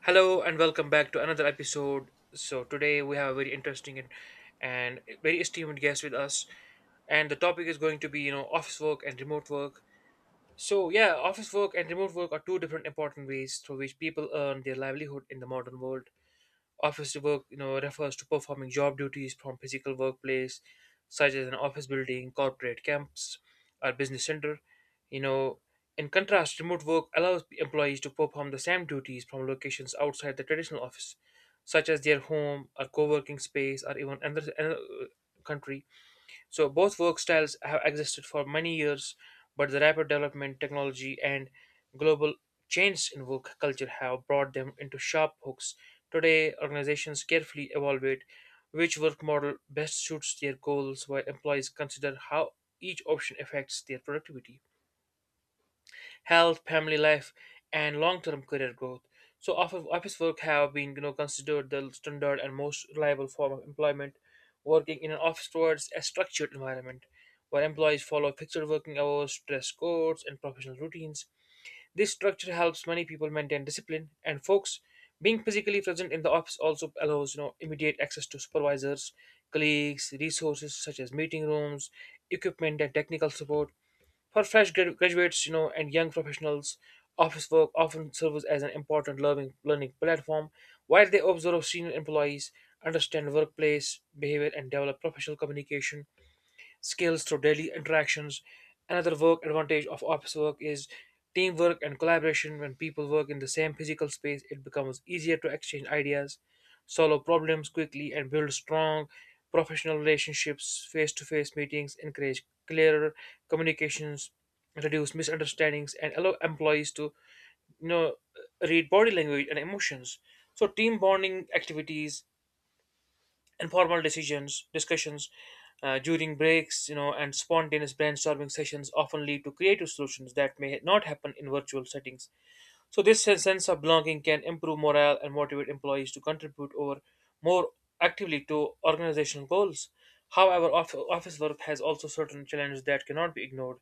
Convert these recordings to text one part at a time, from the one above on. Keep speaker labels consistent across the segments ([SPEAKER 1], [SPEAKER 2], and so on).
[SPEAKER 1] Hello and welcome back to another episode. So today we have a very interesting and very esteemed guest with us, and the topic is going to be office work and remote work. So yeah, office work and remote work are two different important ways through which people earn their livelihood in the modern world. Office work, refers to performing job duties from physical workplace, such as an office building, corporate campus, or business center. You know, in contrast, remote work allows employees to perform the same duties from locations outside the traditional office, such as their home or co-working space, or even another country. So both work styles have existed for many years, but the rapid development, technology, and global changes in work culture have brought them into sharp hooks. Today, organizations carefully evaluate which work model best suits their goals, while employees consider how each option affects their productivity health, family life, and long-term career growth. So office work have been considered the standard and most reliable form of employment. Working in an office towards a structured environment where employees follow fixed working hours, dress codes, and professional routines. This structure helps many people maintain discipline and focus. Being physically present in the office also allows immediate access to supervisors, colleagues, resources such as meeting rooms, equipment and technical support for graduates, and young professionals, office work often serves as an important learning platform, while they observe senior employees, understand workplace behavior, and develop professional communication skills through daily interactions. Another work advantage of office work is teamwork and collaboration. When people work in the same physical space, it becomes easier to exchange ideas, solve problems quickly, and build strong professional relationships. Face to face meetings encourage clearer communications, reduce misunderstandings, and allow employees to you know read body language and emotions. So team bonding activities informal decisions discussions during breaks and spontaneous brainstorming sessions often lead to creative solutions that may not happen in virtual settings. So sense of belonging can improve morale and motivate employees to contribute over more actively to organizational goals. However, office work has also certain challenges that cannot be ignored.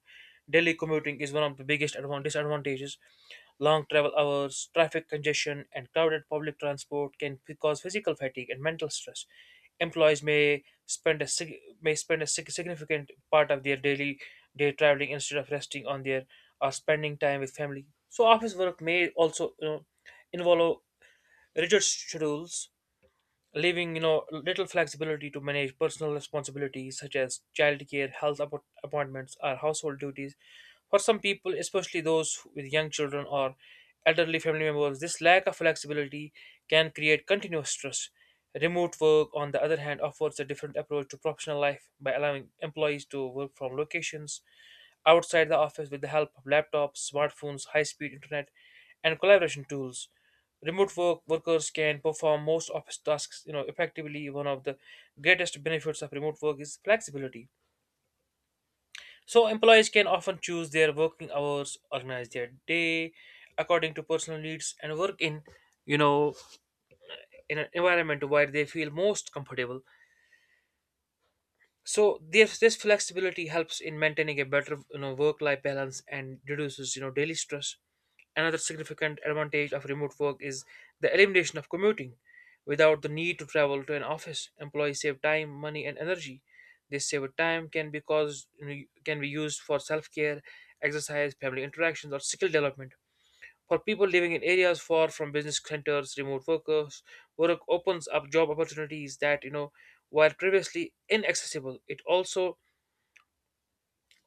[SPEAKER 1] Daily commuting is one of the biggest disadvantages. Long travel hours, traffic congestion, and crowded public transport can cause physical fatigue and mental stress. Employees may significant part of their daily day traveling instead of resting on their or spending time with family. So office work may also involve rigid schedules, leaving little flexibility to manage personal responsibilities such as childcare, health appointments, or household duties. For some people, especially those with young children or elderly family members, this lack of flexibility can create continuous stress. Remote work, on the other hand, offers a different approach to professional life by allowing employees to work from locations outside the office with the help of laptops, smartphones, high speed internet, and collaboration tools. Remote workers can perform most office tasks, effectively. One of the greatest benefits of remote work is flexibility. So employees can often choose their working hours, organize their day according to personal needs, and work in, you know, in an environment where they feel most comfortable. So this flexibility helps in maintaining a better work life balance and reduces daily stress. Another significant advantage of remote work is the elimination of commuting. Without the need to travel to an office, employees save time money and energy. This saved time can be caused you know, can be used for self-care, exercise, family interactions or skill development. For people living in areas far from business centers, work opens up job opportunities that, while previously inaccessible, it also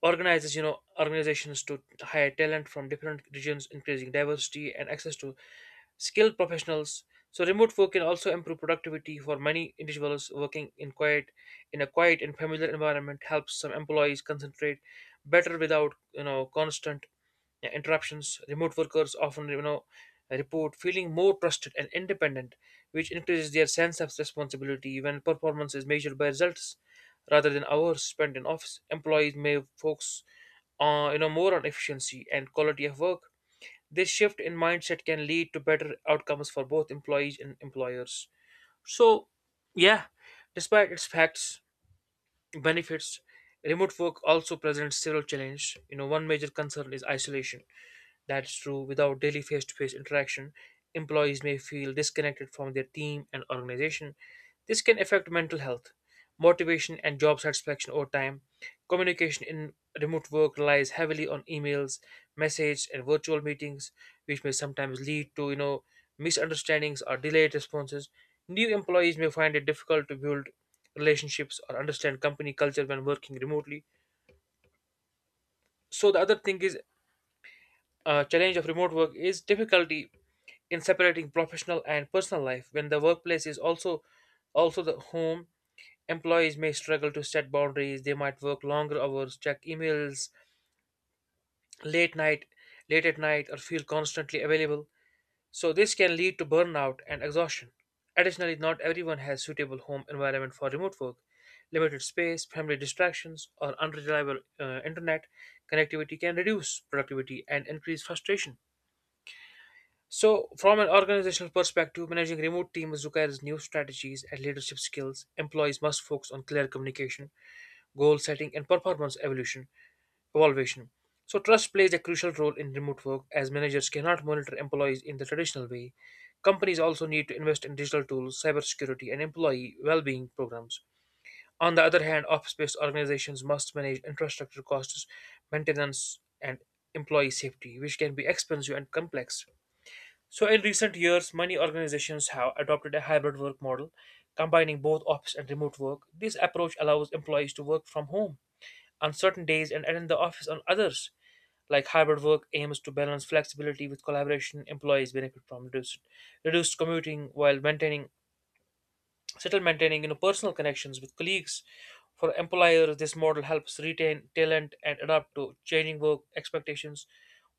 [SPEAKER 1] organizations to hire talent from different regions, increasing diversity and access to skilled professionals. So remote work can also improve productivity for many individuals. Working in quiet In a quiet and familiar environment helps some employees concentrate better without constant, yeah, interruptions. Remote workers often, report feeling more trusted and independent, which increases their sense of responsibility. When performance is measured by results rather than hours spent in office, employees may focus, more on efficiency and quality of work. This shift in mindset can lead to better outcomes for both employees and employers. So, yeah, despite its facts, benefits, remote work also presents several challenges. One major concern is isolation. That's true. Without daily face to face interaction, employees may feel disconnected from their team and organization. This can affect mental health, motivation, and job satisfaction over time. Communication in remote work relies heavily on emails, messages, and virtual meetings, which may sometimes lead to misunderstandings or delayed responses. New employees may find it difficult to build relationships or understand company culture when working remotely. So the other thing is challenge of remote work is difficulty in separating professional and personal life. When the workplace is also also the home, employees may struggle to set boundaries. They might work longer hours, check emails late night late at night, or feel constantly available. So this can lead to burnout and exhaustion. Additionally, not everyone has suitable home environment for remote work. Limited space, family distractions or unreliable internet connectivity can reduce productivity and increase frustration. So, from an organizational perspective, managing remote teams requires new strategies and leadership skills. Employees must focus on clear communication, goal setting, and performance evolution evaluation. So, trust plays a crucial role in remote work as managers cannot monitor employees in the traditional way. Companies also need to invest in digital tools, cybersecurity, and employee well-being programs. On the other hand, office-based organizations must manage infrastructure costs, maintenance, and employee safety, which can be expensive and complex. So, in recent years, many organizations have adopted a hybrid work model, combining both office and remote work. This approach allows employees to work from home on certain days and attend the office on others. Like hybrid work aims to balance flexibility with collaboration. Employees benefit from reduced commuting while maintaining still maintaining personal connections with colleagues. For employers, this model helps retain talent and adapt to changing work expectations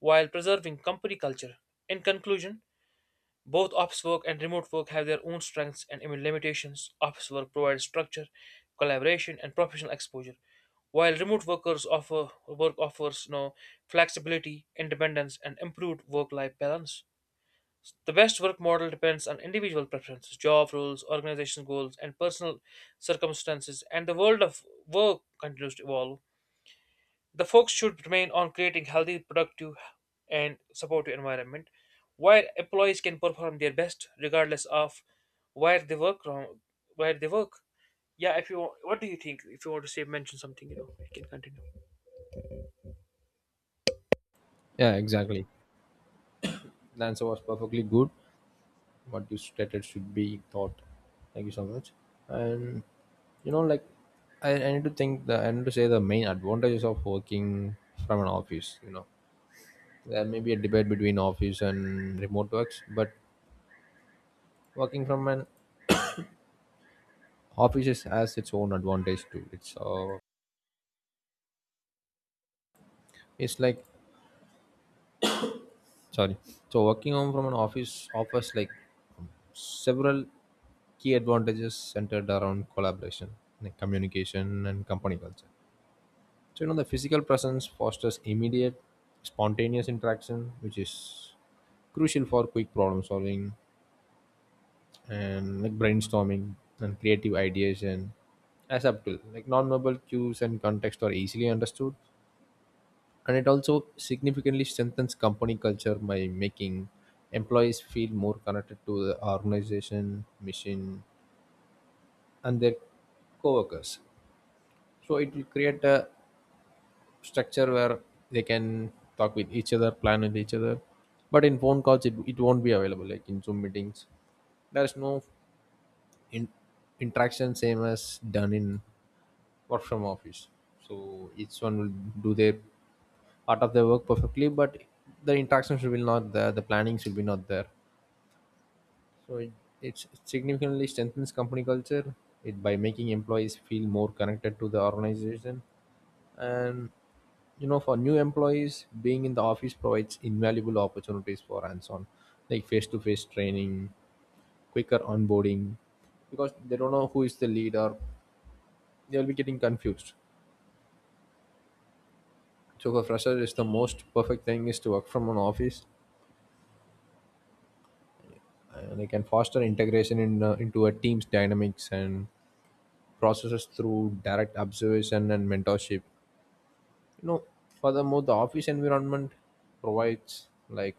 [SPEAKER 1] while preserving company culture. In conclusion, both office work and remote work have their own strengths and limitations. Office work provides structure, collaboration, and professional exposure, while remote workers offer work offers flexibility, independence, and improved work-life balance. The best work model depends on individual preferences, job roles, organization goals, and personal circumstances, and the world of work continues to evolve. The focus should remain on creating healthy, productive, and supportive environment where employees can perform their best regardless of where they work from, where they work. Yeah, if you wa- what do you think? If you want to say mention something, you can continue.
[SPEAKER 2] Yeah, exactly. The answer was perfectly good. What you stated should be thought. Thank you so much. And you know, like I need to think the I need to say the main advantages of working from an office. You know, there may be a debate between office and remote works, but working from an has its own advantage too. It's like sorry. So working home from an office offers like several key advantages centered around collaboration, like communication, and company culture. So, you know, the physical presence fosters immediate, spontaneous interaction, which is crucial for quick problem solving and like brainstorming and creative ideas and as up like non-verbal cues and context are easily understood. And it also significantly strengthens company culture by making employees feel more connected to the organization, mission, and their coworkers. So it will create a structure where they can talk with each other, plan with each other. But in phone calls, it won't be available. Like in Zoom meetings, there is no in, interaction same as done in work from office. So each one will do their part of their work perfectly, but the interactions will not there. The planning should be not there. So it, it significantly strengthens company culture. It by making employees feel more connected to the organization. And you know, for new employees, being in the office provides invaluable opportunities for hands-on, like face-to-face training, quicker onboarding, because they don't know who is the leader. They'll be getting confused. So for freshers, it's the most perfect thing is to work from an office, and they can foster integration into a team's dynamics and processes through direct observation and mentorship. You know, furthermore, the office environment provides like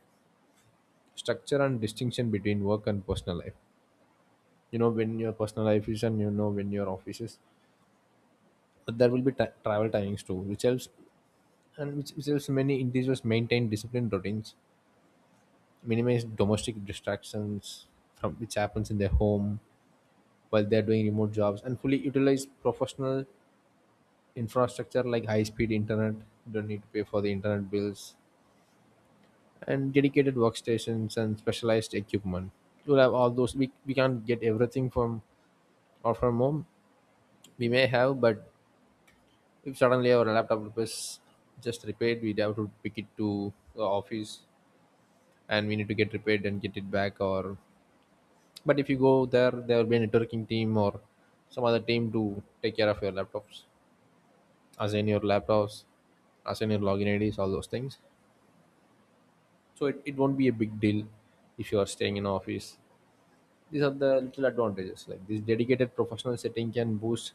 [SPEAKER 2] structure and distinction between work and personal life, you know when your personal life is and you know when your office is. But there will be ti travel timings too, which helps and which helps many individuals maintain disciplined routines, minimize domestic distractions from which happens in their home while they're doing remote jobs, and fully utilize professional infrastructure like high speed internet. You don't need to pay for the internet bills and dedicated workstations and specialized equipment. You'll have all those. We can't get everything from or from home. We may have, but if suddenly our laptop was just repaired, we'd have to pick it to the office and we need to get repaired and get it back. Or but if you go there, there will be a networking team or some other team to take care of your laptops, assign your laptops, assign your login ids, all those things. So it won't be a big deal if you are staying in office. These are the little advantages. Like this dedicated professional setting can boost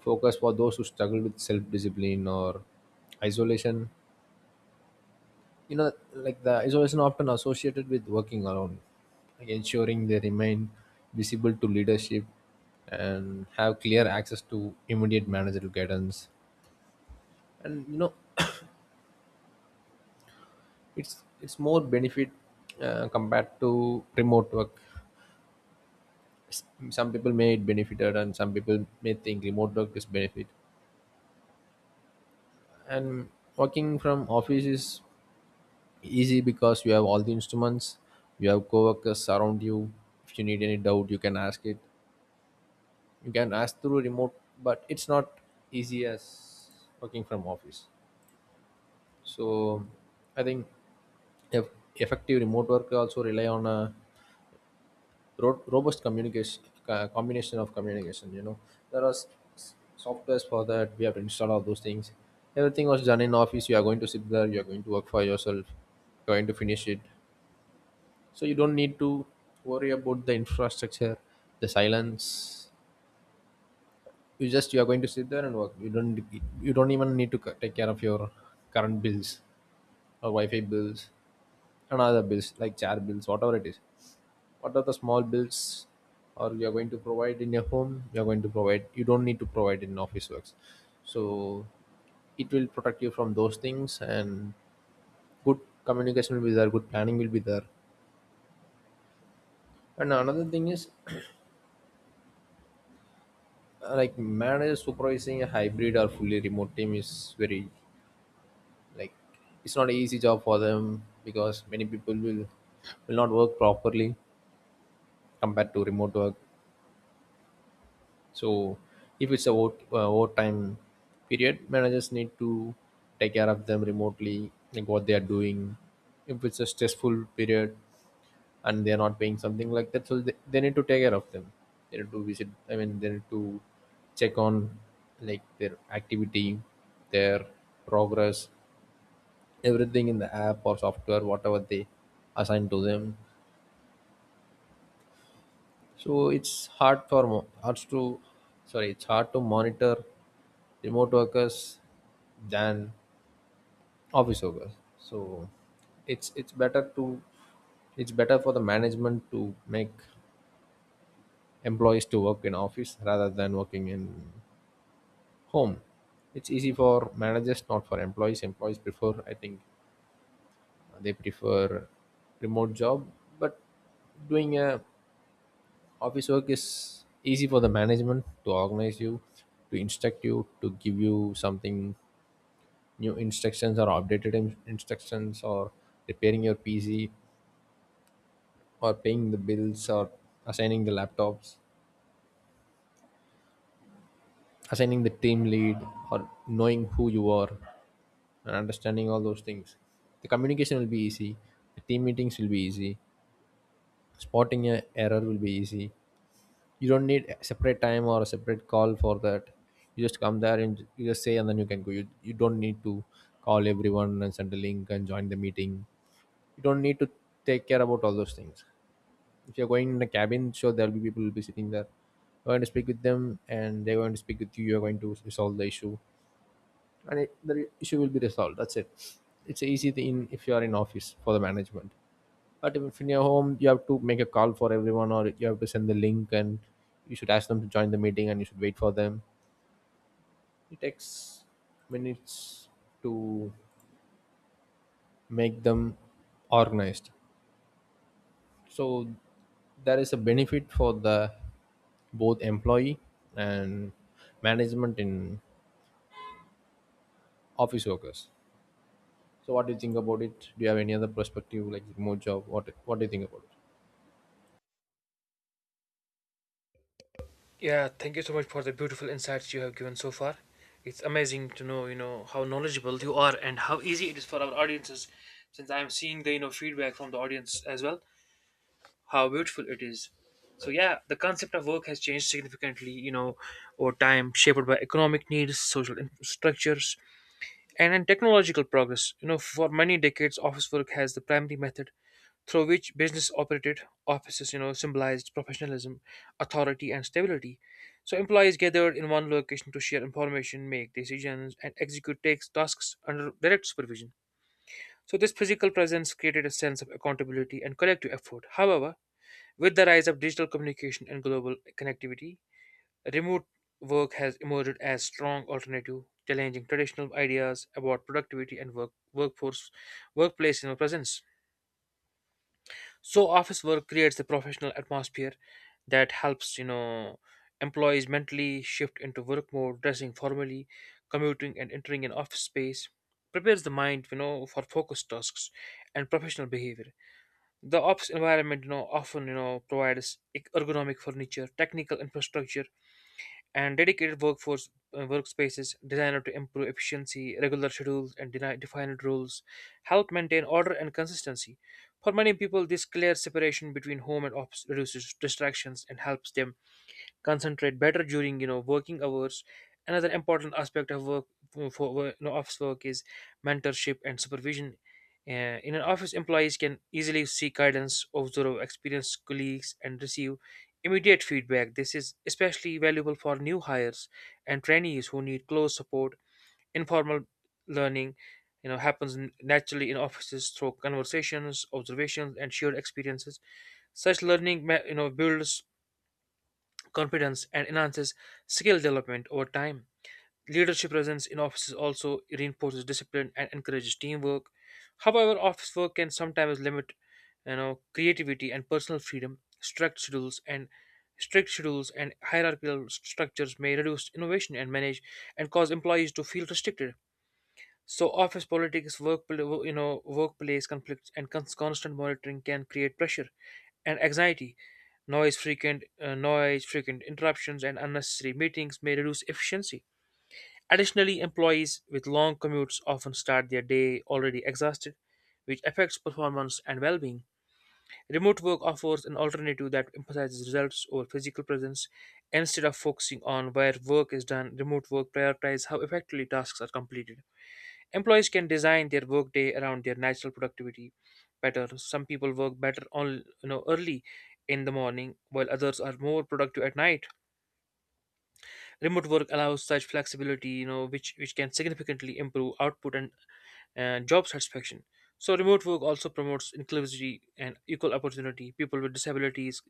[SPEAKER 2] focus for those who struggle with self-discipline or isolation. You know, like the isolation often associated with working alone, like ensuring they remain visible to leadership and have clear access to immediate managerial guidance. And you know, it's more benefit compared to remote work. S- some people may it benefited and some people may think remote work is benefit. And working from office is easy because you have all the instruments, you have coworkers around you. If you need any doubt, you can ask it. You can ask through remote, but it's not easy as working from office. So I think, if effective remote work also rely on a robust communication, combination of communication, you know, there are s- softwares for that. We have to install all those things. Everything was done in office. You are going to sit there, you are going to work for yourself, you're going to finish it. So you don't need to worry about the infrastructure, the silence. You just, you are going to sit there and work. You don't even need to take care of your current bills or wi-fi bills and other bills like chair bills, whatever it is. What are the small bills or you are going to provide in your home, you are going to provide. You don't need to provide in office works. So it will protect you from those things. And good communication will be there, good planning will be there. And another thing is like manager supervising a hybrid or fully remote team is very, like, it's not an easy job for them because many people will not work properly compared to remote work. So if it's a work, overtime period, managers need to take care of them remotely, like what they are doing. If it's a stressful period and they're not paying something like that, so they need to take care of them. They need to visit, I mean they need to check on like their activity, their progress, everything in the app or software, whatever they assign to them. So it's hard for mo- hard to, sorry, it's hard to monitor remote workers than office workers. So it's better to, it's better for the management to make employees to work in office rather than working in home. It's easy for managers, not for employees. Employees prefer, I think they prefer remote job. But doing a Office work is easy for the management to organize you, to instruct you, to give you something, new instructions or updated instructions, or repairing your PC, or paying the bills, or assigning the laptops, assigning the team lead, or knowing who you are and understanding all those things. The communication will be easy, the team meetings will be easy, spotting a error will be easy. You don't need a separate time or a separate call for that. You just come there and you just say and then you can go. You don't need to call everyone and send a link and join the meeting. You don't need to take care about all those things. If you're going in a cabin, sure, there'll be people will be sitting there, you're going to speak with them and they're going to speak with you, you're going to resolve the issue. And the issue will be resolved, that's it. It's an easy thing if you are in office for the management. But if in your home, you have to make a call for everyone, or you have to send the link, and you should ask them to join the meeting, and you should wait for them. It takes minutes to make them organized. So there is a benefit for the both employee and management in office workers. So what do you think about it? Do you have any other perspective like remote job? What do you think about it?
[SPEAKER 1] Yeah, thank you so much for the beautiful insights you have given so far. It's amazing to know, how knowledgeable you are and how easy it is for our audiences, since I am seeing the feedback from the audience as well. How beautiful it is. So yeah, the concept of work has changed significantly, over time, shaped by economic needs, social structures, and then technological progress. For many decades, office work has the primary method through which business operated. Offices, symbolized professionalism, authority, and stability. So employees gathered in one location to share information, make decisions, and execute takes tasks under direct supervision. So this physical presence created a sense of accountability and collective effort. However, with the rise of digital communication and global connectivity, remote work has emerged as strong alternative, challenging traditional ideas about productivity and workforce workplace presence. So office work creates a professional atmosphere that helps employees mentally shift into work mode. Dressing formally, commuting and entering an office space prepares the mind for focused tasks and professional behavior. The office environment, often provides ergonomic furniture, technical infrastructure, and dedicated workforce workspaces designed to improve efficiency. Regular schedules, and defined rules help maintain order and consistency. For many people, this clear separation between home and office reduces distractions and helps them concentrate better during working hours. Another important aspect of work for work- you know, office work is mentorship and supervision. In an office, employees can easily seek guidance, observe experienced colleagues and receive immediate feedback. This is especially valuable for new hires and trainees who need close support. Informal learning happens naturally in offices through conversations, observations and shared experiences. Such learning builds confidence and enhances skill development over time. Leadership presence in offices also reinforces discipline and encourages teamwork. However, office work can sometimes limit creativity and personal freedom. Strict schedules and hierarchical structures may reduce innovation and manage and cause employees to feel restricted. So office politics, workplace conflicts, and constant monitoring can create pressure and anxiety. Noise, frequent interruptions, and unnecessary meetings may reduce efficiency. Additionally, employees with long commutes often start their day already exhausted, which affects performance and well-being. Remote work offers an alternative that emphasizes results over physical presence. Instead of focusing on where work is done, remote work prioritizes how effectively tasks are completed. Employees can design their workday around their natural productivity better. Some people work better on early in the morning, while others are more productive at night. Remote work allows such flexibility, you know, which can significantly improve output and job satisfaction. So remote work also promotes inclusivity and equal opportunity. People with disabilities,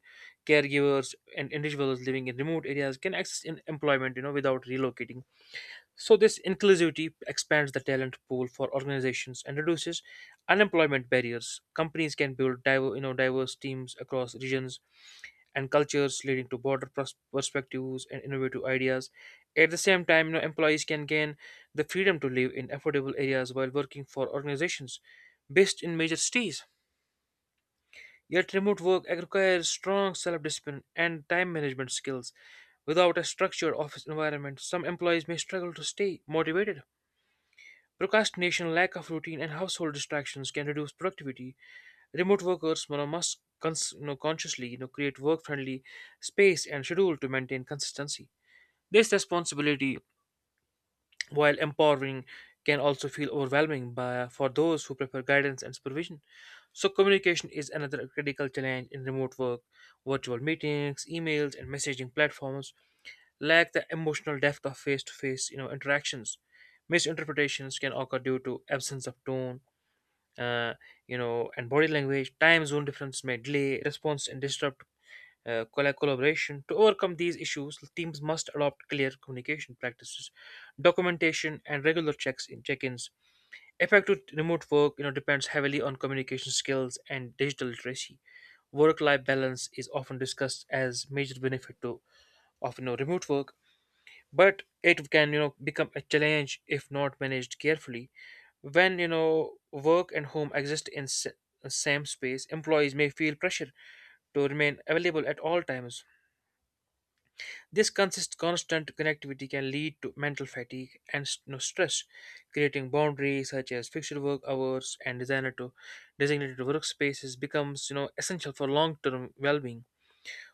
[SPEAKER 1] caregivers, and individuals living in remote areas can access in employment, you know, without relocating. So this inclusivity expands the talent pool for organizations and reduces unemployment barriers. Companies can build diverse teams across regions and cultures, leading to broader perspectives and innovative ideas. At the same time, you know, employees can gain the freedom to live in affordable areas while working for organizations based in major cities. Yet, remote work requires strong self discipline and time management skills. Without a structured office environment, some employees may struggle to stay motivated. Procrastination, lack of routine, and household distractions can reduce productivity. Remote workers must consciously create work friendly space and schedule to maintain consistency. This responsibility, while empowering, can also feel overwhelming for those who prefer guidance and supervision. So, communication is another critical challenge in remote work. Virtual meetings, emails, and messaging platforms lack the emotional depth of face-to-face, interactions. Misinterpretations can occur due to absence of tone, uh, and body language. Time zone difference may delay response and disrupt collaboration. To overcome these issues, teams must adopt clear communication practices, documentation, and regular checks in check-ins. Effective remote work, you know, depends heavily on communication skills and digital literacy. Work-life balance is often discussed as major benefit to of you know remote work, but it can become a challenge if not managed carefully. When work and home exist in same space, employees may feel pressure to remain available at all times. This consist constant connectivity can lead to mental fatigue and stress. Creating boundaries such as fixed work hours and designer to designated workspaces becomes essential for long-term well-being.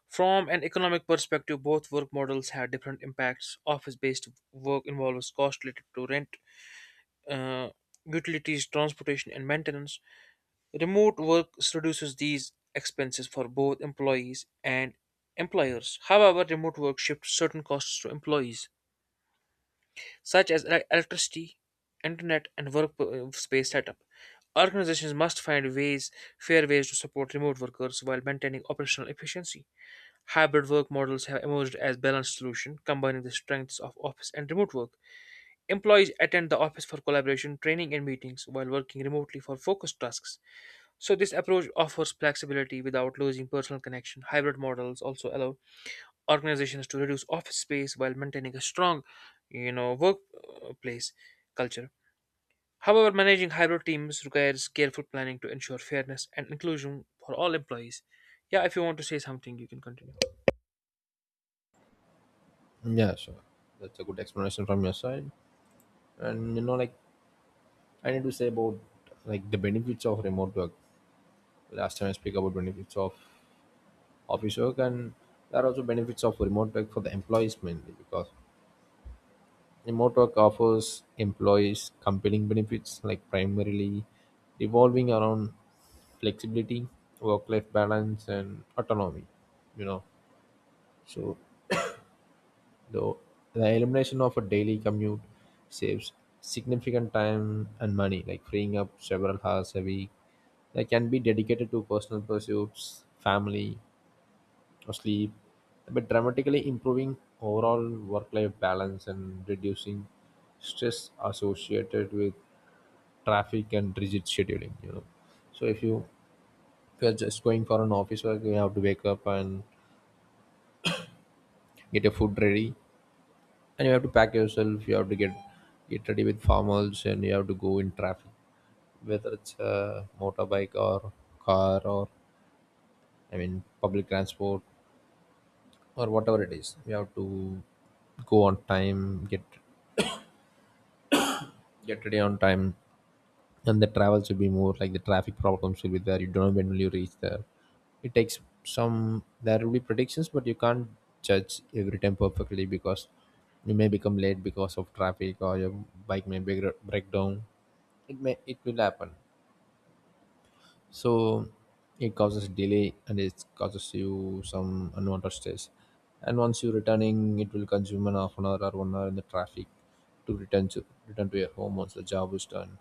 [SPEAKER 1] From an economic perspective, both work models have different impacts. Office based work involves costs related to rent, uh, utilities, transportation, and maintenance. Remote work reduces these expenses for both employees and employers. However, remote work shifts certain costs to employees, such as electricity, internet, and workspace setup. Organizations must find ways, fair ways to support remote workers while maintaining operational efficiency. Hybrid work models have emerged as balanced solution, combining the strengths of office and remote work. Employees attend the office for collaboration, training, and meetings, while working remotely for focused tasks. So this approach offers flexibility without losing personal connection. Hybrid models also allow organizations to reduce office space while maintaining a strong, workplace culture. However, managing hybrid teams requires careful planning to ensure fairness and inclusion for all employees. Yeah, if you want to say something, you can continue.
[SPEAKER 2] Yeah, sure. That's a good explanation from your side. And you know, like I need to say about like the benefits of remote work. Last time I speak about benefits of office work, and there are also benefits of remote work for the employees mainly because remote work offers employees compelling benefits like primarily revolving around flexibility, work-life balance, and autonomy. You know, so the the elimination of a daily commute saves significant time and money, like freeing up several hours a week. They can be dedicated to personal pursuits, family, or sleep, but dramatically improving overall work life balance and reducing stress associated with traffic and rigid scheduling. You know, so if you're just going for an office work, you have to wake up and get your food ready, and you have to pack yourself. You have to get ready with formals, and you have to go in traffic, whether it's a motorbike or car or I mean public transport or whatever it is. We have to go on time, get ready on time, and the travels will be more like, the traffic problems will be there. You don't know when will you reach there. It takes some There will be predictions, but you can't judge every time perfectly, because you may become late because of traffic, or your bike may break down. It will happen. So it causes delay, and it causes you some unwanted stress. And once you're returning, it will consume an half an hour or 1 hour in the traffic to return to your home once the job is done.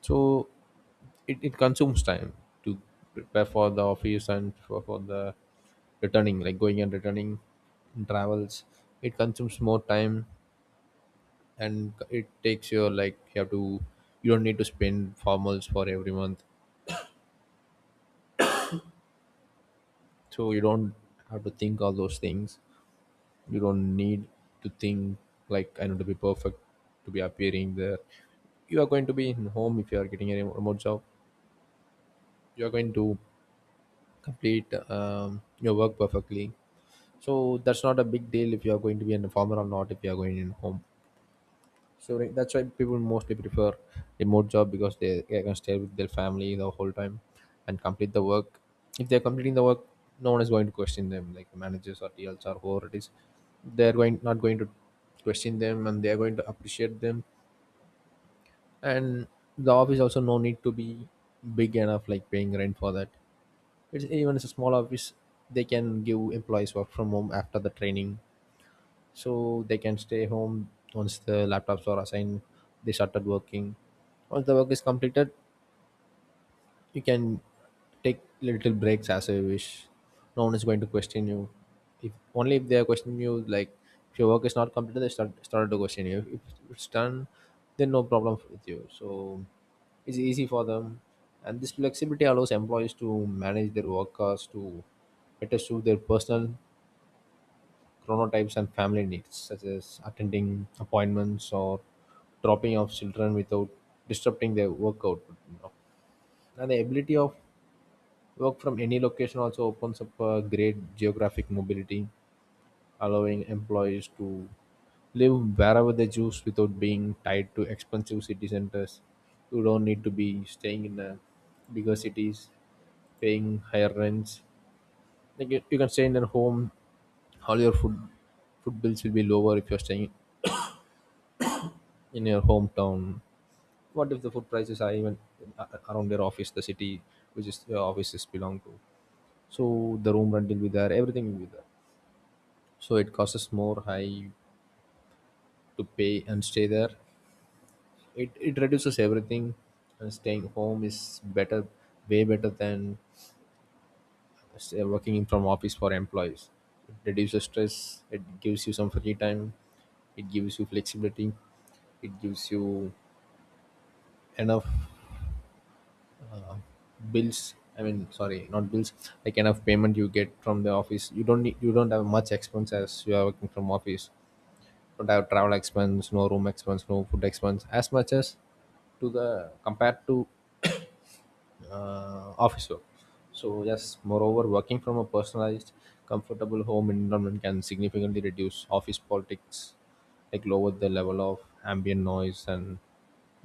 [SPEAKER 2] So it consumes time to prepare for the office, and for the returning, like going and returning in travels. It consumes more time, and it takes your, like, you have to, you don't need to spend formals for every month, so you don't have to think all those things. You don't need to think, like, I need to be perfect to be appearing there. You are going to be in home if you are getting a remote job. You are going to complete your work perfectly. So that's not a big deal if you are going to be in a farmer or not, if you are going in home. So, like, that's why people mostly prefer remote job, because they can stay with their family the whole time and complete the work. If they're completing the work, no one is going to question them, like managers or TLs or whoever it is. They're going not going to question them, and they're going to appreciate them. And the office also no need to be big enough, like paying rent for that. It's a small office, they can give employees work from home after the training, so they can stay home. Once the laptops are assigned, they started working. Once the work is completed, you can take little breaks as you wish. No one is going to question you. If only, if they are questioning you, like, if your work is not completed, they started to question you. If it's done, then no problem with you. So it's easy for them. And this flexibility allows employees to manage their workers to better suit their personal chronotypes and family needs, such as attending appointments or dropping off children without disrupting their work output, you know. And the ability of work from any location also opens up a great geographic mobility, allowing employees to live wherever they choose without being tied to expensive city centers. You don't need to be staying in a bigger cities, paying higher rents. Like, you can stay in your home, all your food bills will be lower if you're staying in your hometown. What if the food prices are even around their office, the city which is your offices belong to? So the room rent will be there, everything will be there, so it costs more high to pay and stay there. It reduces everything, and staying home is better, way better than stay working in from office for employees. It reduces stress, it gives you some free time, it gives you flexibility, it gives you enough bills. I mean, sorry, not bills, like kind of payment you get from the office. You don't have much expense as you are working from office. Don't have travel expense, no room expense, no food expense as much as to the, compared to office work. So yes, moreover, working from a personalized comfortable home environment can significantly reduce office politics, like lower the level of ambient noise and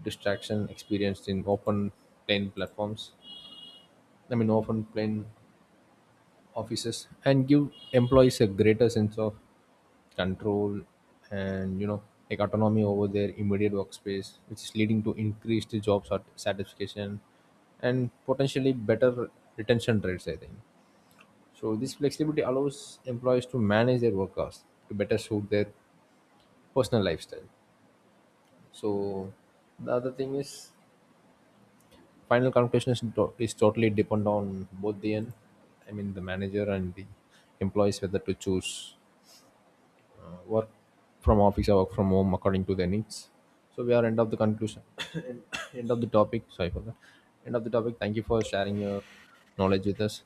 [SPEAKER 2] distraction experienced in open plain platforms, I mean open plain offices, and give employees a greater sense of control and, like, autonomy over their immediate workspace, which is leading to increased job satisfaction and potentially better retention rates, I think. So this flexibility allows employees to manage their work hours to better suit their personal lifestyle. So the other thing is, final conclusion is, is totally depend on both the end, I mean the manager and the employees, whether to choose work from office or work from home according to their needs. So we are end of the conclusion, end of the topic. Sorry for that. End of the topic. Thank you for sharing your knowledge with us.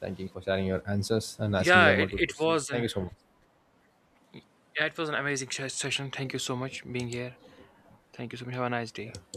[SPEAKER 2] Thank you for sharing your answers and asking
[SPEAKER 1] Yeah,
[SPEAKER 2] the
[SPEAKER 1] it,
[SPEAKER 2] multiple
[SPEAKER 1] it
[SPEAKER 2] questions.
[SPEAKER 1] was
[SPEAKER 2] Thank
[SPEAKER 1] an
[SPEAKER 2] you so much.
[SPEAKER 1] Yeah, it was an amazing session. Thank you so much being here. Thank you so much. Have a nice day.
[SPEAKER 2] Yeah.